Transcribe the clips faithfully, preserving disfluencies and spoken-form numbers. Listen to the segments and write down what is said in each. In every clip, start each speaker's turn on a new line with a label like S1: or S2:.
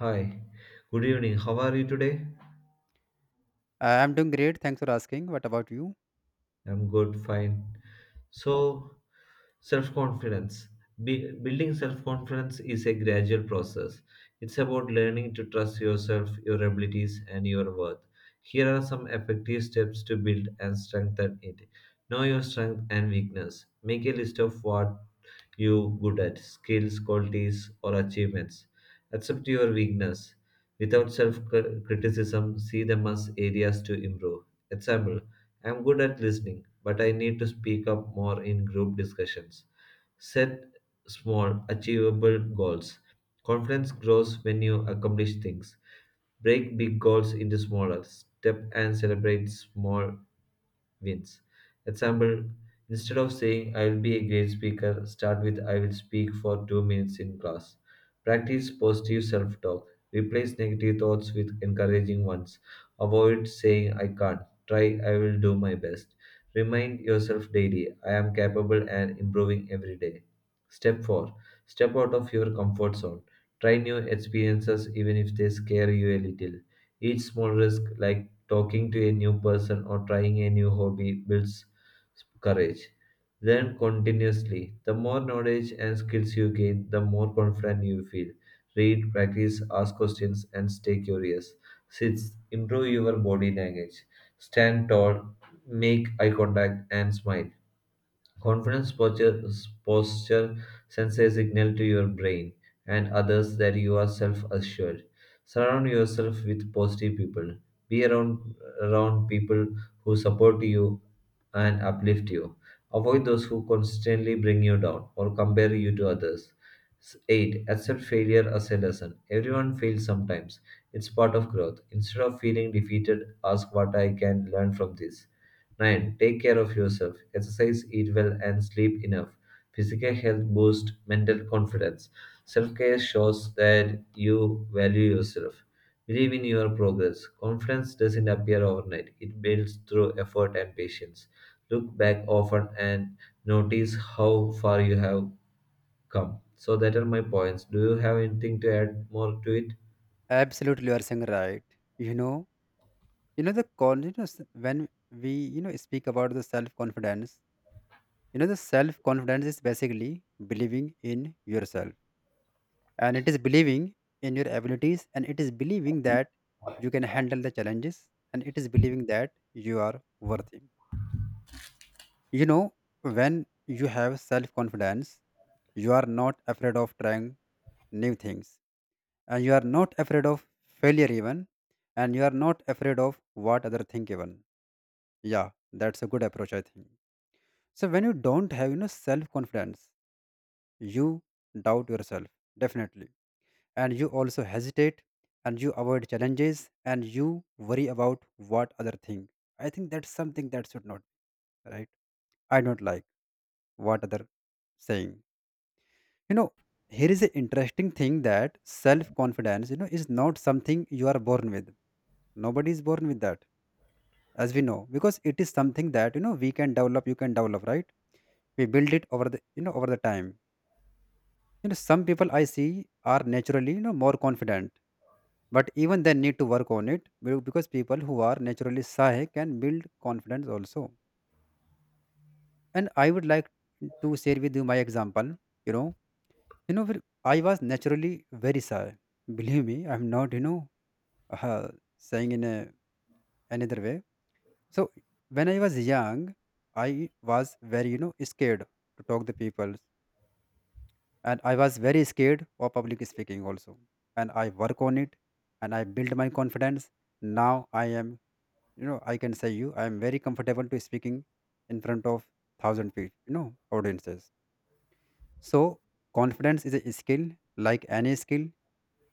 S1: Hi, good evening. How are you today?
S2: I am doing great. Thanks for asking. What about you?
S1: I'm good, fine. So, self confidence. Be- building self confidence is a gradual process. It's about learning to trust yourself, your abilities, and your worth. Here are some effective steps to build and strengthen it. Know your strength and weakness. Make a list of what you good at, skills, qualities, or achievements. Accept your weakness. Without self criticism, see them as areas to improve. Example, I am good at listening, but I need to speak up more in group discussions. Set small, achievable goals. Confidence grows when you accomplish things. Break big goals into smaller. Step and celebrate small wins. Example, instead of saying I will be a great speaker, start with I will speak for two minutes in class. Practice positive self talk. Replace negative thoughts with encouraging ones. Avoid saying I can't. Try I will do my best. Remind yourself daily I am capable and improving every day. Step four. Step out of your comfort zone. Try new experiences even if they scare you a little. Each small risk, like talking to a new person or trying a new hobby, builds courage. Learn continuously. The more knowledge and skills you gain, the more confident you feel. Read, practice, ask questions, and stay curious. Sixth, improve your body language. Stand tall, make eye contact, and smile. Confidence posture, posture, sends a signal to your brain and others that you are self assured. Surround yourself with positive people. Be around, around people who support you and uplift you. Avoid those who constantly bring you down or compare you to others. S- eight. Accept failure as a lesson. Everyone fails sometimes. It's part of growth. Instead of feeling defeated, ask what I can learn from this. nine. Take care of yourself. Exercise, eat well, and sleep enough. Physical health boosts mental confidence. Self care shows that you value yourself. Believe in your progress. Confidence doesn't appear overnight, it builds through effort and patience. Look back often and notice how far you have come. So, that are my points. Do you have anything to add more to it?
S2: Absolutely, you are saying right. You know, you know the confidence when we you know speak about the self confidence. You know the self confidence is basically believing in yourself, and it is believing in your abilities, and it is believing that you can handle the challenges, and it is believing that you are worthy. You know when you have self confidence, you are not afraid of trying new things, and you are not afraid of failure even, and you are not afraid of what other think even. Yeah, that's a good approach I think. So when you don't have you know self confidence, you doubt yourself, definitely, and you also hesitate and you avoid challenges and you worry about what other think. I think that's something that should not be, right? I don't like what other saying. You know here is an interesting thing, that self confidence you know is not something you are born with. Nobody is born with that, as we know, because it is something that you know we can develop, you can develop, right? We build it over the you know over the time. You know some people I see are naturally you know more confident, but even they need to work on it be- because people who are naturally shy can build confidence also. And I would like to share with you my example. You know you know where I was naturally very shy, believe me, I'm not you know uh, saying in a another way. So when I was young, I was very, you know, scared to talk to people. And I was very scared of public speaking also. And I work on it and I build my confidence. Now I am, you know, I can say you, I am very comfortable to speaking in front of thousand people, you know, audiences. So confidence is a skill like any skill.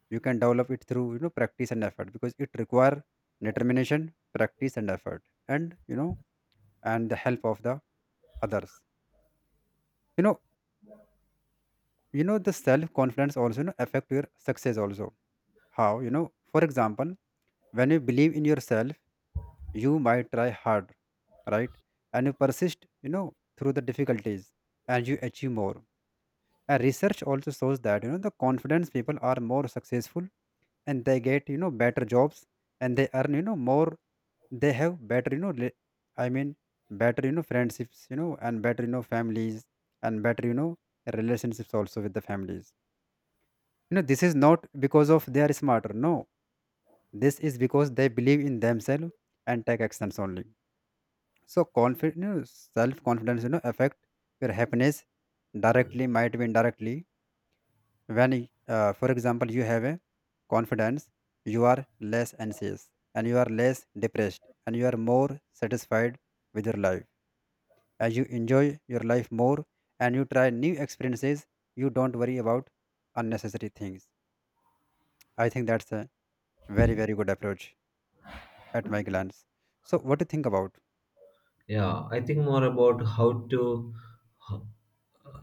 S2: You can develop it through, you know, practice and effort, because it require determination, practice and effort, and, you know, and the help of the others. You know you know the self confidence also you know, affect your success also. How? You know for example, when you believe in yourself, you might try hard, right, and you persist you know through the difficulties and you achieve more. And research also shows that you know the confidence people are more successful, and they get you know better jobs, and they earn you know more. They have better you know rela- i mean better you know friendships, you know and better you know families, and better you know relationships also with the families. You know this is not because of they are smarter, no, this is because they believe in themselves and take actions only. So confidence, you know, self confidence you know affect your happiness, directly might be indirectly. When uh, for example you have a confidence, you are less anxious and you are less depressed and you are more satisfied with your life, as you enjoy your life more and you try new experiences, you don't worry about unnecessary things. I think that's a very very good approach at my glance. So what do you think about?
S1: Yeah, I think more about how to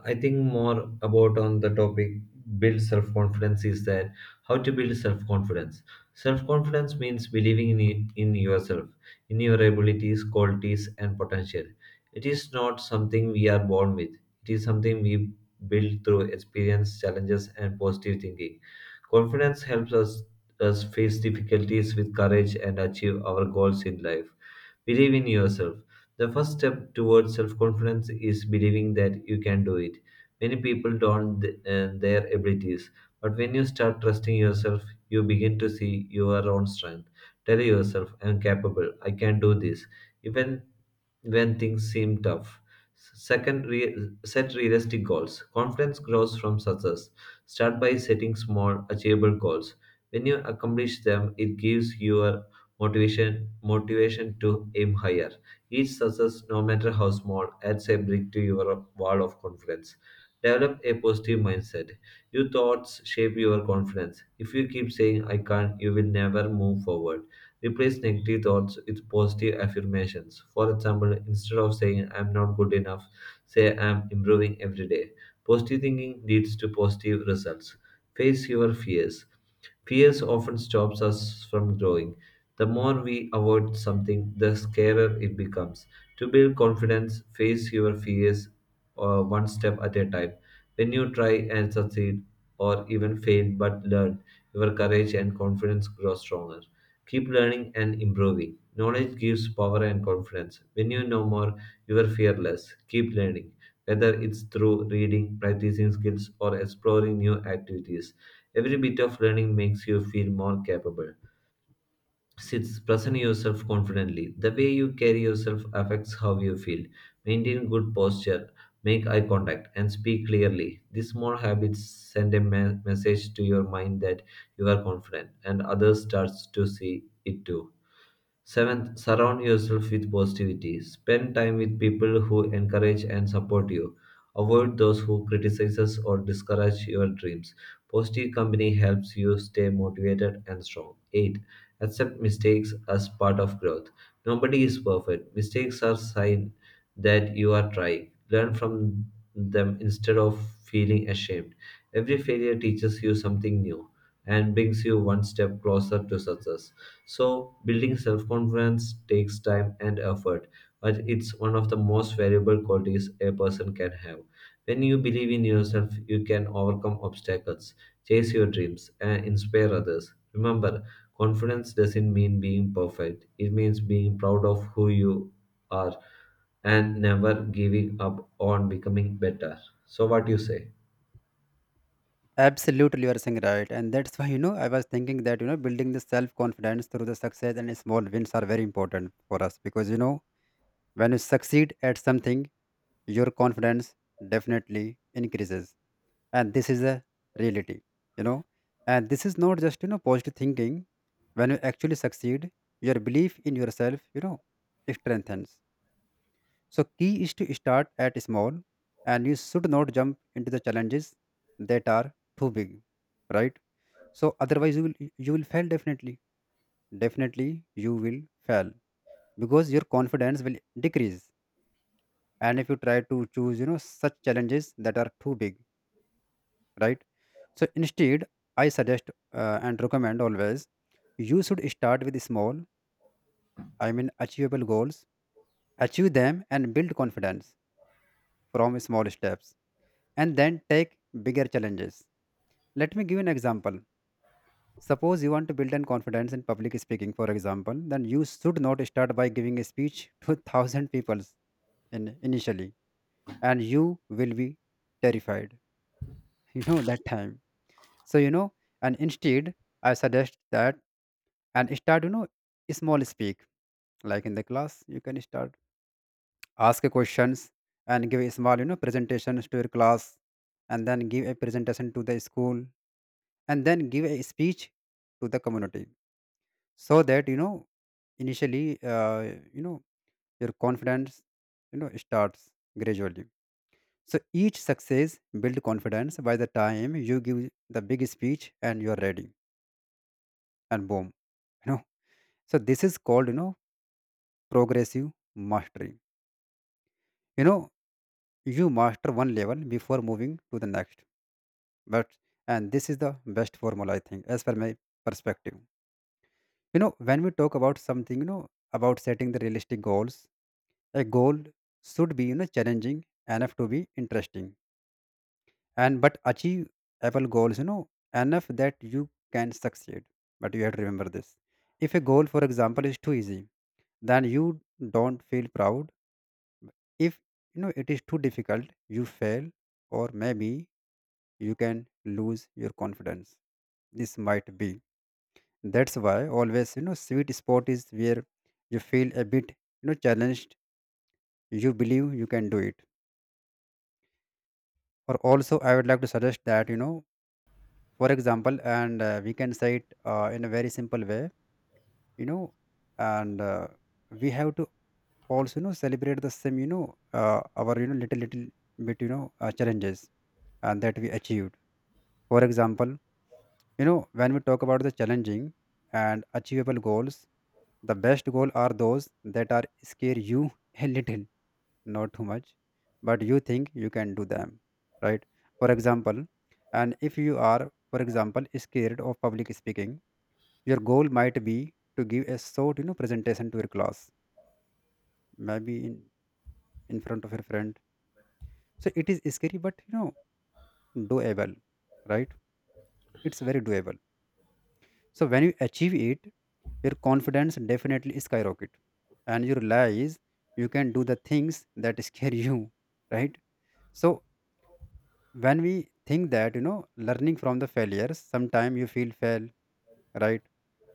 S1: I think more about on the topic build self confidence is that how to build self confidence. Self confidence means believing in it, in yourself, in your abilities, qualities, and potential. It is not something we are born with. It is something we build through experience, challenges, and positive thinking. Confidence helps us us face difficulties with courage and achieve our goals in life. Believe in yourself. The first step towards self confidence is believing that you can do it. Many people don't th- uh, their abilities, but when you start trusting yourself, you begin to see your own strength. Tell yourself, I'm capable, I can do this, even when things seem tough. Second, re- set realistic goals. Confidence grows from success. Start by setting small, achievable goals. When you accomplish them, it gives your motivation motivation to aim higher. Each success, no matter how small, adds a brick to your wall of confidence. Develop a positive mindset. Your thoughts shape your confidence. If you keep saying, I can't, you will never move forward. Replace negative thoughts with positive affirmations. For example, instead of saying, I'm not good enough, say, I'm improving every day. Positive thinking leads to positive results. Face your fears. Fears often stops us from growing. The more we avoid something, the scarier it becomes. To build confidence, face your fears uh, one step at a time. When you try and succeed, or even fail but learn, your courage and confidence grow stronger. Keep learning and improving. Knowledge gives power and confidence. When you know more, you are fearless. Keep learning, whether it's through reading, practicing skills, or exploring new activities. Every bit of learning makes you feel more capable. Six, present yourself confidently. The way you carry yourself affects how you feel. Maintain good posture, make eye contact, and speak clearly. These small habits send a me- message to your mind that you are confident, and others starts to see it too. Seventh, surround yourself with positivity. Spend time with people who encourage and support you. Avoid those who criticize or discourage your dreams. Positive company helps you stay motivated and strong. eight. Accept mistakes as part of growth. Nobody is perfect. Mistakes are sign that you are trying. Learn from them instead of feeling ashamed. Every failure teaches you something new and brings you one step closer to success. So, building self confidence takes time and effort, but it's one of the most valuable qualities a person can have. When you believe in yourself, you can overcome obstacles, chase your dreams, and inspire others. Remember, confidence doesn't mean being perfect, it means being proud of who you are and never giving up on becoming better. So, what do you say?
S2: Absolutely, you are saying right, and that's why you know I was thinking that you know building the self confidence through the success and small wins are very important for us, because you know when you succeed at something, your confidence definitely increases, and this is a reality, you know, and this is not just you know positive thinking. When you actually succeed, your belief in yourself, you know, strengthens. So key is to start at small, and you should not jump into the challenges that are too big, right? So otherwise you will you will fail, definitely. Definitely you will fail, because your confidence will decrease. And if you try to choose, you know, such challenges that are too big, right? So instead, I suggest uh, and recommend always you should start with small, I mean achievable goals, achieve them and build confidence from small steps and then take bigger challenges. Let me give you an example. Suppose you want to build an confidence in public speaking, for example, then you should not start by giving a speech to thousand people in, initially, and you will be terrified. You know that time. So you know, and instead, I suggest that and start. You know, small speak, like in the class. You can start ask questions and give a small you know presentations to your class, and then give a presentation to the school, and then give a speech to the community, so that you know initially uh, you know your confidence you know starts gradually. So each success build confidence by the time you give the big speech and you're ready and boom. you know so this is called you know progressive mastery. you know you master one level before moving to the next, but, and this is the best formula I think as per my perspective. You know when we talk about something, you know about setting the realistic goals, a goal should be you know challenging enough to be interesting and but achievable goals, you know enough that you can succeed. But you have to remember this. If a goal for example is too easy, then you don't feel proud. If you know it is too difficult you fail, or maybe you can lose your confidence, this might be. That's why always you know sweet spot is where you feel a bit you know challenged, you believe you can do it. Or also I would like to suggest that you know for example, and uh, we can say it uh, in a very simple way, you know and uh, we have to also you know celebrate the same, you know uh, our you know little little bit you know uh, challenges and that we achieved, for example. You know, when we talk about the challenging and achievable goals, the best goal are those that are scare you a little, not too much, but you think you can do them, right? For example, and if you are, for example, scared of public speaking, your goal might be to give a short, you know, presentation to your class, maybe in in front of your friend. So it is scary, but you know, doable, right? It's very doable. So when you achieve it, your confidence definitely skyrocket, and you realize you can do the things that scare you, right? So when we think that you know learning from the failures, sometime you feel fail, right?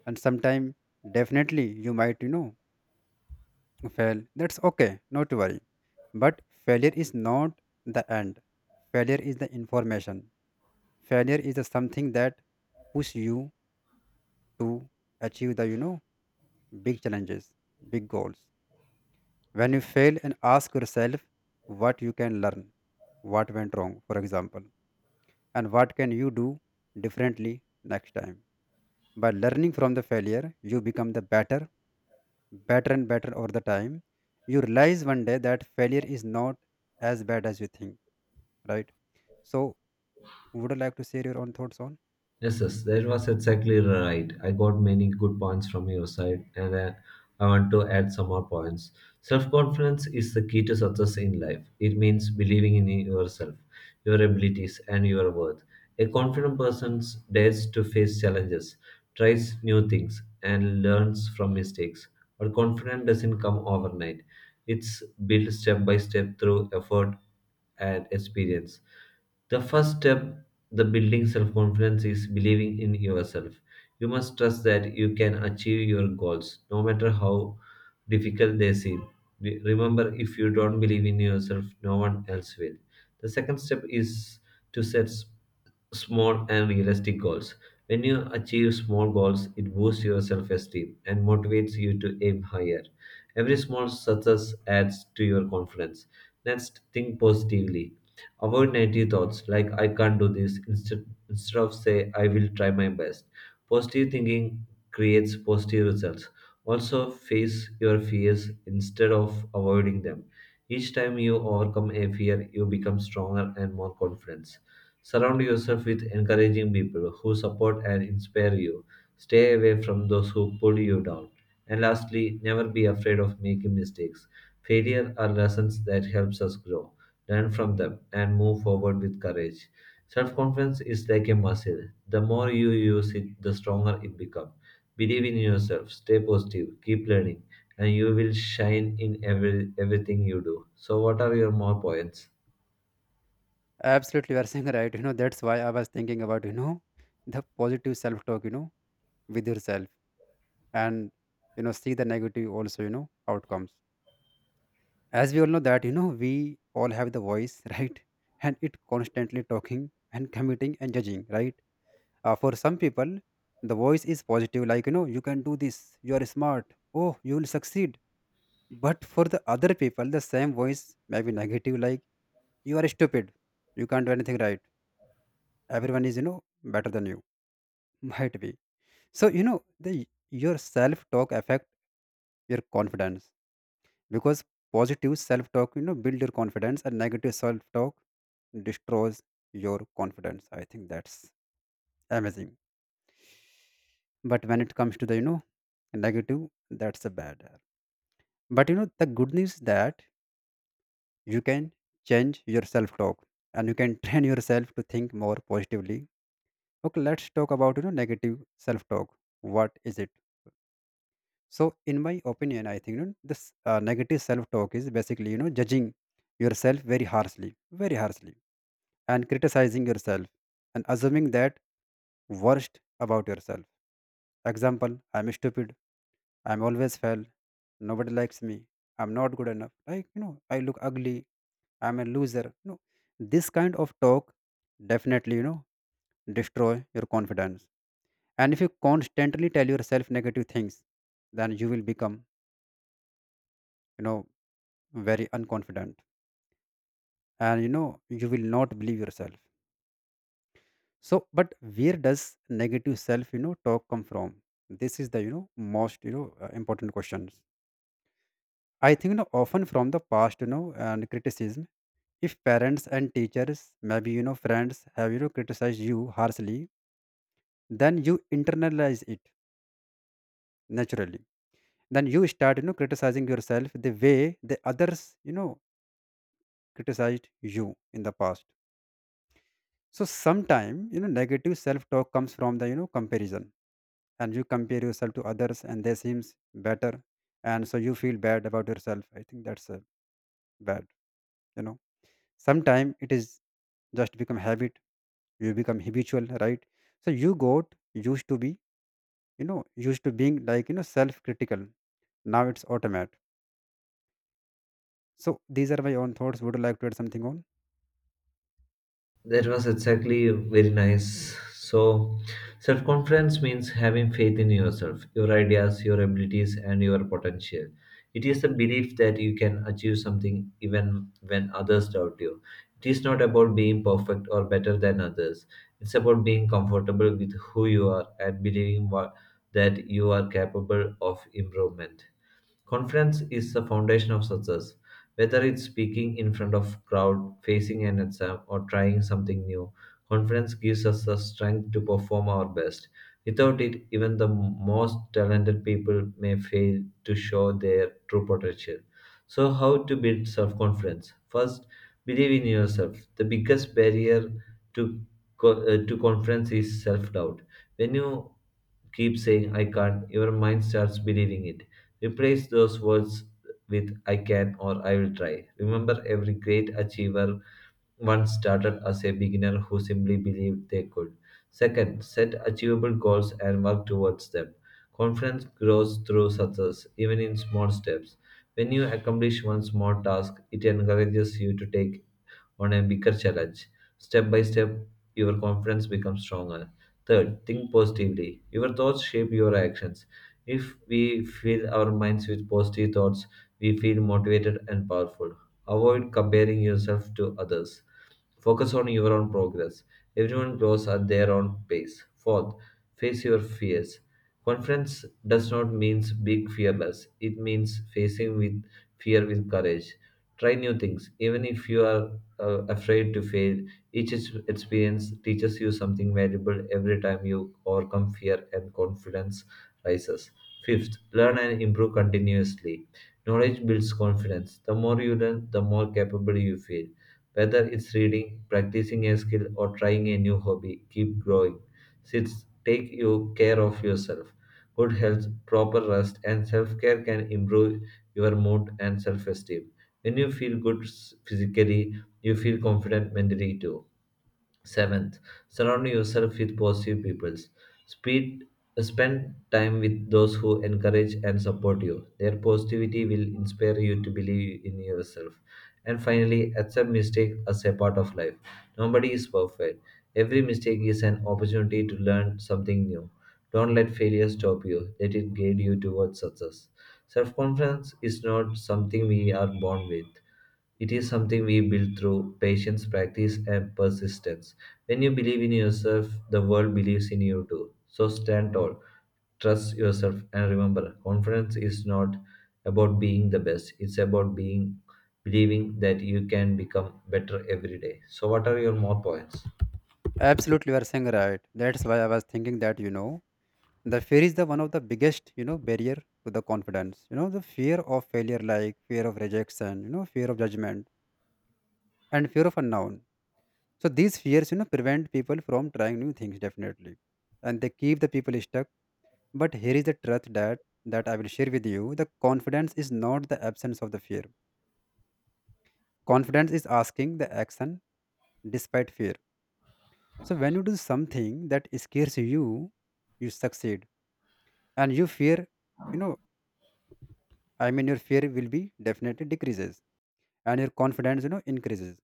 S2: And sometime definitely you might you know fail. That's okay, not to worry. But failure is not the end. Failure is the information. Failure is the something that push you to achieve the you know big challenges, big goals. When you fail and ask yourself what you can learn, what went wrong, for example, and what can you do differently next time. By learning from the failure, you become the better, better and better over the time. You realize one day that failure is not as bad as you think, right? So, would you like to share your own thoughts on?
S1: Yes, yes, that was exactly right. I got many good points from your side, and uh, I want to add some more points. Self confidence is the key to success in life, it means believing in yourself your abilities, and your worth. A confident person dares to face challenges, tries new things, and learns from mistakes. But confidence doesn't come overnight. It's built step by step through effort and experience. The first step the building self confidence is believing in yourself. You must trust that you can achieve your goals no matter how difficult they seem. Re- Remember, if you don't believe in yourself no one else will. The second step is to set s- small and realistic goals. When you achieve small goals, it boosts your self esteem and motivates you to aim higher. Every small success adds to your confidence. Next, think positively. Avoid negative thoughts like I can't do this instead, instead of say I will try my best. Positive thinking creates positive results. Also, face your fears instead of avoiding them. Each time you overcome a fear, you become stronger and more confident. Surround yourself with encouraging people who support and inspire you. Stay away from those who pull you down. And lastly, never be afraid of making mistakes. Failure are lessons that helps us grow. Learn from them and move forward with courage. Self-confidence is like a muscle. The more you use it, the stronger it becomes. Believe in yourself, stay positive, keep learning, and you will shine in every, everything you do. So, what are your more points?
S2: Absolutely, you are saying right. You know, that's why I was thinking about, you know, the positive self talk, you know, with yourself, and you know see the negative also you know outcomes. As we all know that you know we all have the voice, right, and it constantly talking and committing and judging, right? Uh, for some people the voice is positive, like you know you can do this, you are smart, oh you will succeed. But for the other people the same voice may be negative, like you are stupid, you can't do anything, right, everyone is you know better than you, might be. So you know the your self talk affect your confidence, because positive self-talk you know build your confidence and negative self-talk destroys your confidence. I think that's amazing. But when it comes to the you know negative, that's a bad air. But you know the good news is that you can change your self-talk and you can train yourself to think more positively. Okay, let's talk about you know negative self-talk, what is it. So in my opinion I think, you know, this uh, negative self-talk is basically you know judging yourself very harshly, very harshly and criticizing yourself and assuming that worst about yourself. Example, I'm stupid, I'm always fail, nobody likes me, I'm not good enough. Like, you know, I look ugly, I'm a loser. No, this kind of talk, definitely, you know, destroy your confidence. And if you constantly tell yourself negative things, then you will become, you know, very unconfident. And you know, you will not believe yourself. So, but where does negative self, you know, talk come from? This is the, you know, most, you know, uh, important questions. I think, you know, often from the past, you know, and criticism. If parents and teachers, maybe, you know, friends have, you know, criticized you harshly, then you internalize it naturally. Then you start, you know, criticizing yourself the way the others, you know, criticized you in the past. So, sometime, you know, negative self talk comes from the, you know, comparison, and you compare yourself to others and they seems better, and so you feel bad about yourself. I think that's uh, bad you know Sometime it is just become habit. You become habitual, right? So you got used to be you know used to being like you know self critical. Now it's automatic. So these are my own thoughts. Would you like to add something on?
S1: That was exactly very nice. So, self confidence means having faith in yourself, your ideas, your abilities, and your potential. It is the belief that you can achieve something even when others doubt you. It is not about being perfect or better than others, it's about being comfortable with who you are and believing what, that you are capable of improvement. Confidence is the foundation of success. Whether it's speaking in front of crowd, facing an exam, or trying something new, confidence gives us the strength to perform our best. Without it, even the most talented people may fail to show their true potential. So, how to build self confidence? First, believe in yourself. The biggest barrier to, co- uh, to confidence is self doubt. When you keep saying I can't, your mind starts believing it. Replace those words with I can or I will try. Remember, every great achiever one started as a beginner who simply believed they could. Second, set achievable goals and work towards them. Confidence grows through success, even in small steps. When you accomplish one small task, it encourages you to take on a bigger challenge. Step by step, your confidence becomes stronger. Third, think positively. Your thoughts shape your actions. If we fill our minds with positive thoughts, we feel motivated and powerful. Avoid comparing yourself to others. Focus on your own progress. Everyone grows at their own pace. Fourth, face your fears. Confidence does not mean being fearless. It means facing with fear with courage. Try new things, even if you are uh, afraid to fail. Each ex- experience teaches you something valuable every time you overcome fear and confidence rises. Fifth, learn and improve continuously. Knowledge builds confidence. The more you learn, the more capable you feel. Whether it's reading, practicing a skill, or trying a new hobby, keep growing. Six, take you care of yourself. Good health, proper rest, and self care can improve your mood and self esteem. When you feel good s- physically, you feel confident mentally too. Seventh, surround yourself with positive people. Speed, spend time with those who encourage and support you. Their positivity will inspire you to believe in yourself. And finally, accept mistakes as a part of life. Nobody is perfect. Every mistake is an opportunity to learn something new. Don't let failure stop you. Let it guide you towards success. Self-confidence is not something we are born with. It is something we build through patience, practice, and persistence. When you believe in yourself, the world believes in you too. So stand tall, trust yourself, and remember confidence is not about being the best, it's about being believing that you can become better every day. So, what are your more points?
S2: Absolutely, you are saying right. That's why I was thinking that you know The fear is the one of the biggest you know barrier to the confidence. You know the fear of failure, like fear of rejection, you know fear of judgment, and fear of unknown. So these fears, you know, prevent people from trying new things definitely, and they keep the people stuck. But here is the truth that that I will share with you: the confidence is not the absence of the fear. Confidence is asking the action despite fear. So when you do something that scares you, you succeed, and you fear, you know, I mean, your fear will be definitely decreases, and your confidence, you know, increases.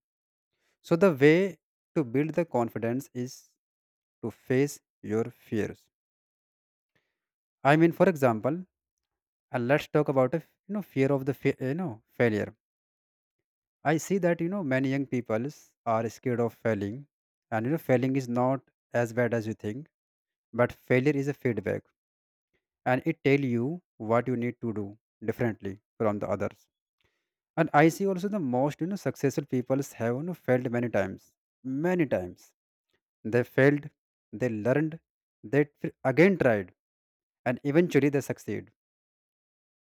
S2: So the way to build the confidence is to face your fears. I mean, for example, uh, let's talk about a f- you know fear of the fa- you know failure. I see that you know many young people are scared of failing, and you know failing is not as bad as you think, but failure is a feedback, and it tell you what you need to do differently from the others. And I see also the most you know successful people have you know failed many times, many times. They failed, they learned, they f- again tried, and eventually they succeed.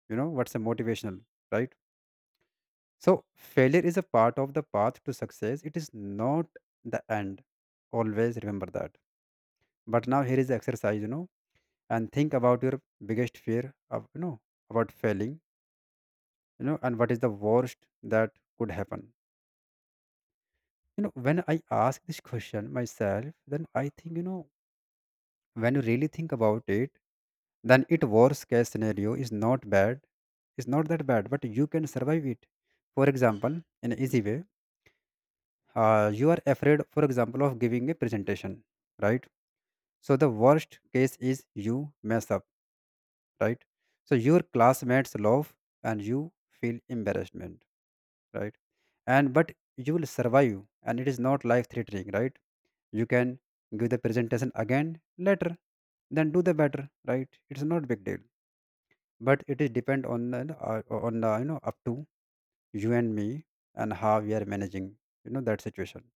S2: You know what's a motivational, right? So, failure is a part of the path to success. It is not the end. Always remember that. But now here is the exercise, you know, and think about your biggest fear of, you know, about failing, you know, and what is the worst that could happen. You know, when I ask this question myself, then I think, you know, when you really think about it, then it worst case scenario is not bad. It's not that bad, but you can survive it. For example, in an easy way, uh, you are afraid, for example, of giving a presentation, right? So the worst case is you mess up, right. So your classmates laugh and you feel embarrassment, right. And but you will survive, and it is not life threatening, right. You can give the presentation again later, then do the better, right. It's not big deal. But it is depend on the uh, on the you know up to you and me, and how we are managing you know that situation.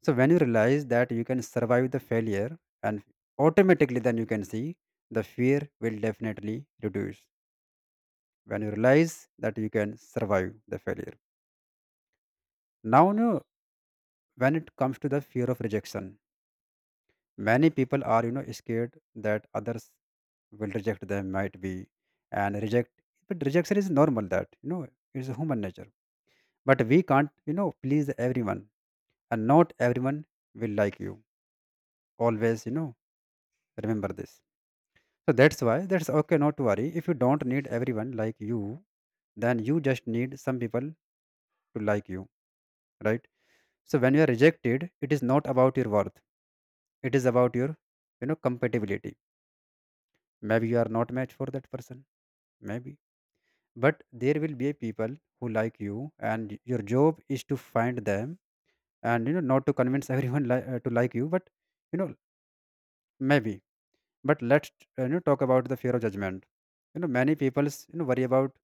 S2: So when you realize that you can survive the failure, and automatically then you can see the fear will definitely reduce. When you realize that you can survive the failure. Now, you know, when it comes to the fear of rejection, many people are, you know, scared that others will reject them, might be, and reject. But rejection is normal that you know It's a human nature. But we can't, you know, please everyone, and not everyone will like you. Always, you know, remember this. So that's why that's okay, not to worry. If you don't need everyone like you, then you just need some people to like you, right? So when you are rejected, it is not about your worth. It is about your, you know, compatibility. Maybe you are not match for that person. Maybe. But there will be people who like you, and your job is to find them, and you know, not to convince everyone li- uh, to like you, but you know, maybe. But let's uh, you know talk about the fear of judgment. You know, many people's you know worry about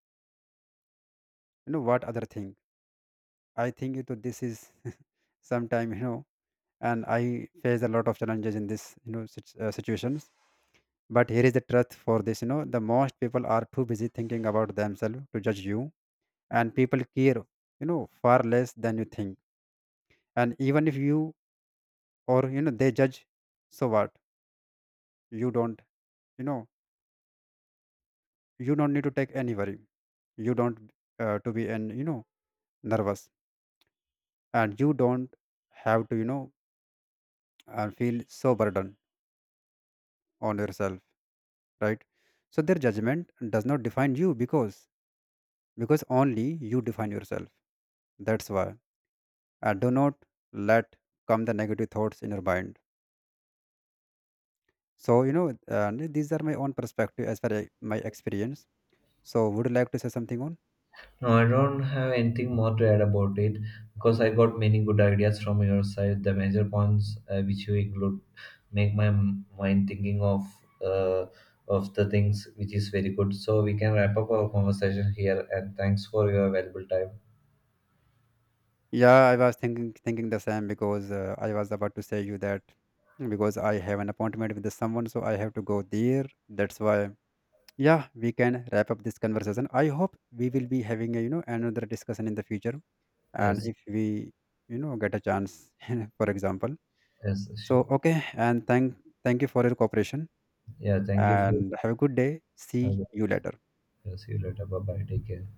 S2: you know what other think. I think you know, this is sometime you know, and I face a lot of challenges in this you know sit- uh, situations. But here is the truth for this: you know, the most people are too busy thinking about themselves to judge you, and people care you know far less than you think. And even if you or you know they judge, so what? You don't you know you don't need to take any worry. You don't, uh, to be, and you know nervous, and you don't have to you know uh, feel so burdened on yourself, right? So their judgment does not define you, because because only you define yourself. That's why I do not let come the negative thoughts in your mind. So you know uh, these are my own perspective as far as my experience. So would you like to say something on?
S1: No, I don't have anything more to add about it because I got many good ideas from your side. The major points uh, which you include make my m- mind thinking of uh, of the things which is very good. So we can wrap up our conversation here. And thanks for your valuable time.
S2: Yeah, I was thinking thinking the same because uh, I was about to say you that, because I have an appointment with someone, so I have to go there, that's why. Yeah, we can wrap up this conversation. I hope we will be having a you know another discussion in the future, and
S1: Yes,
S2: if we you know get a chance for example.
S1: yes,
S2: So
S1: sure.
S2: okay, and thank thank you for your cooperation,
S1: Yeah, thank you for.
S2: and have a good day. See you later.
S1: Yes, see you later. Bye bye. Take care.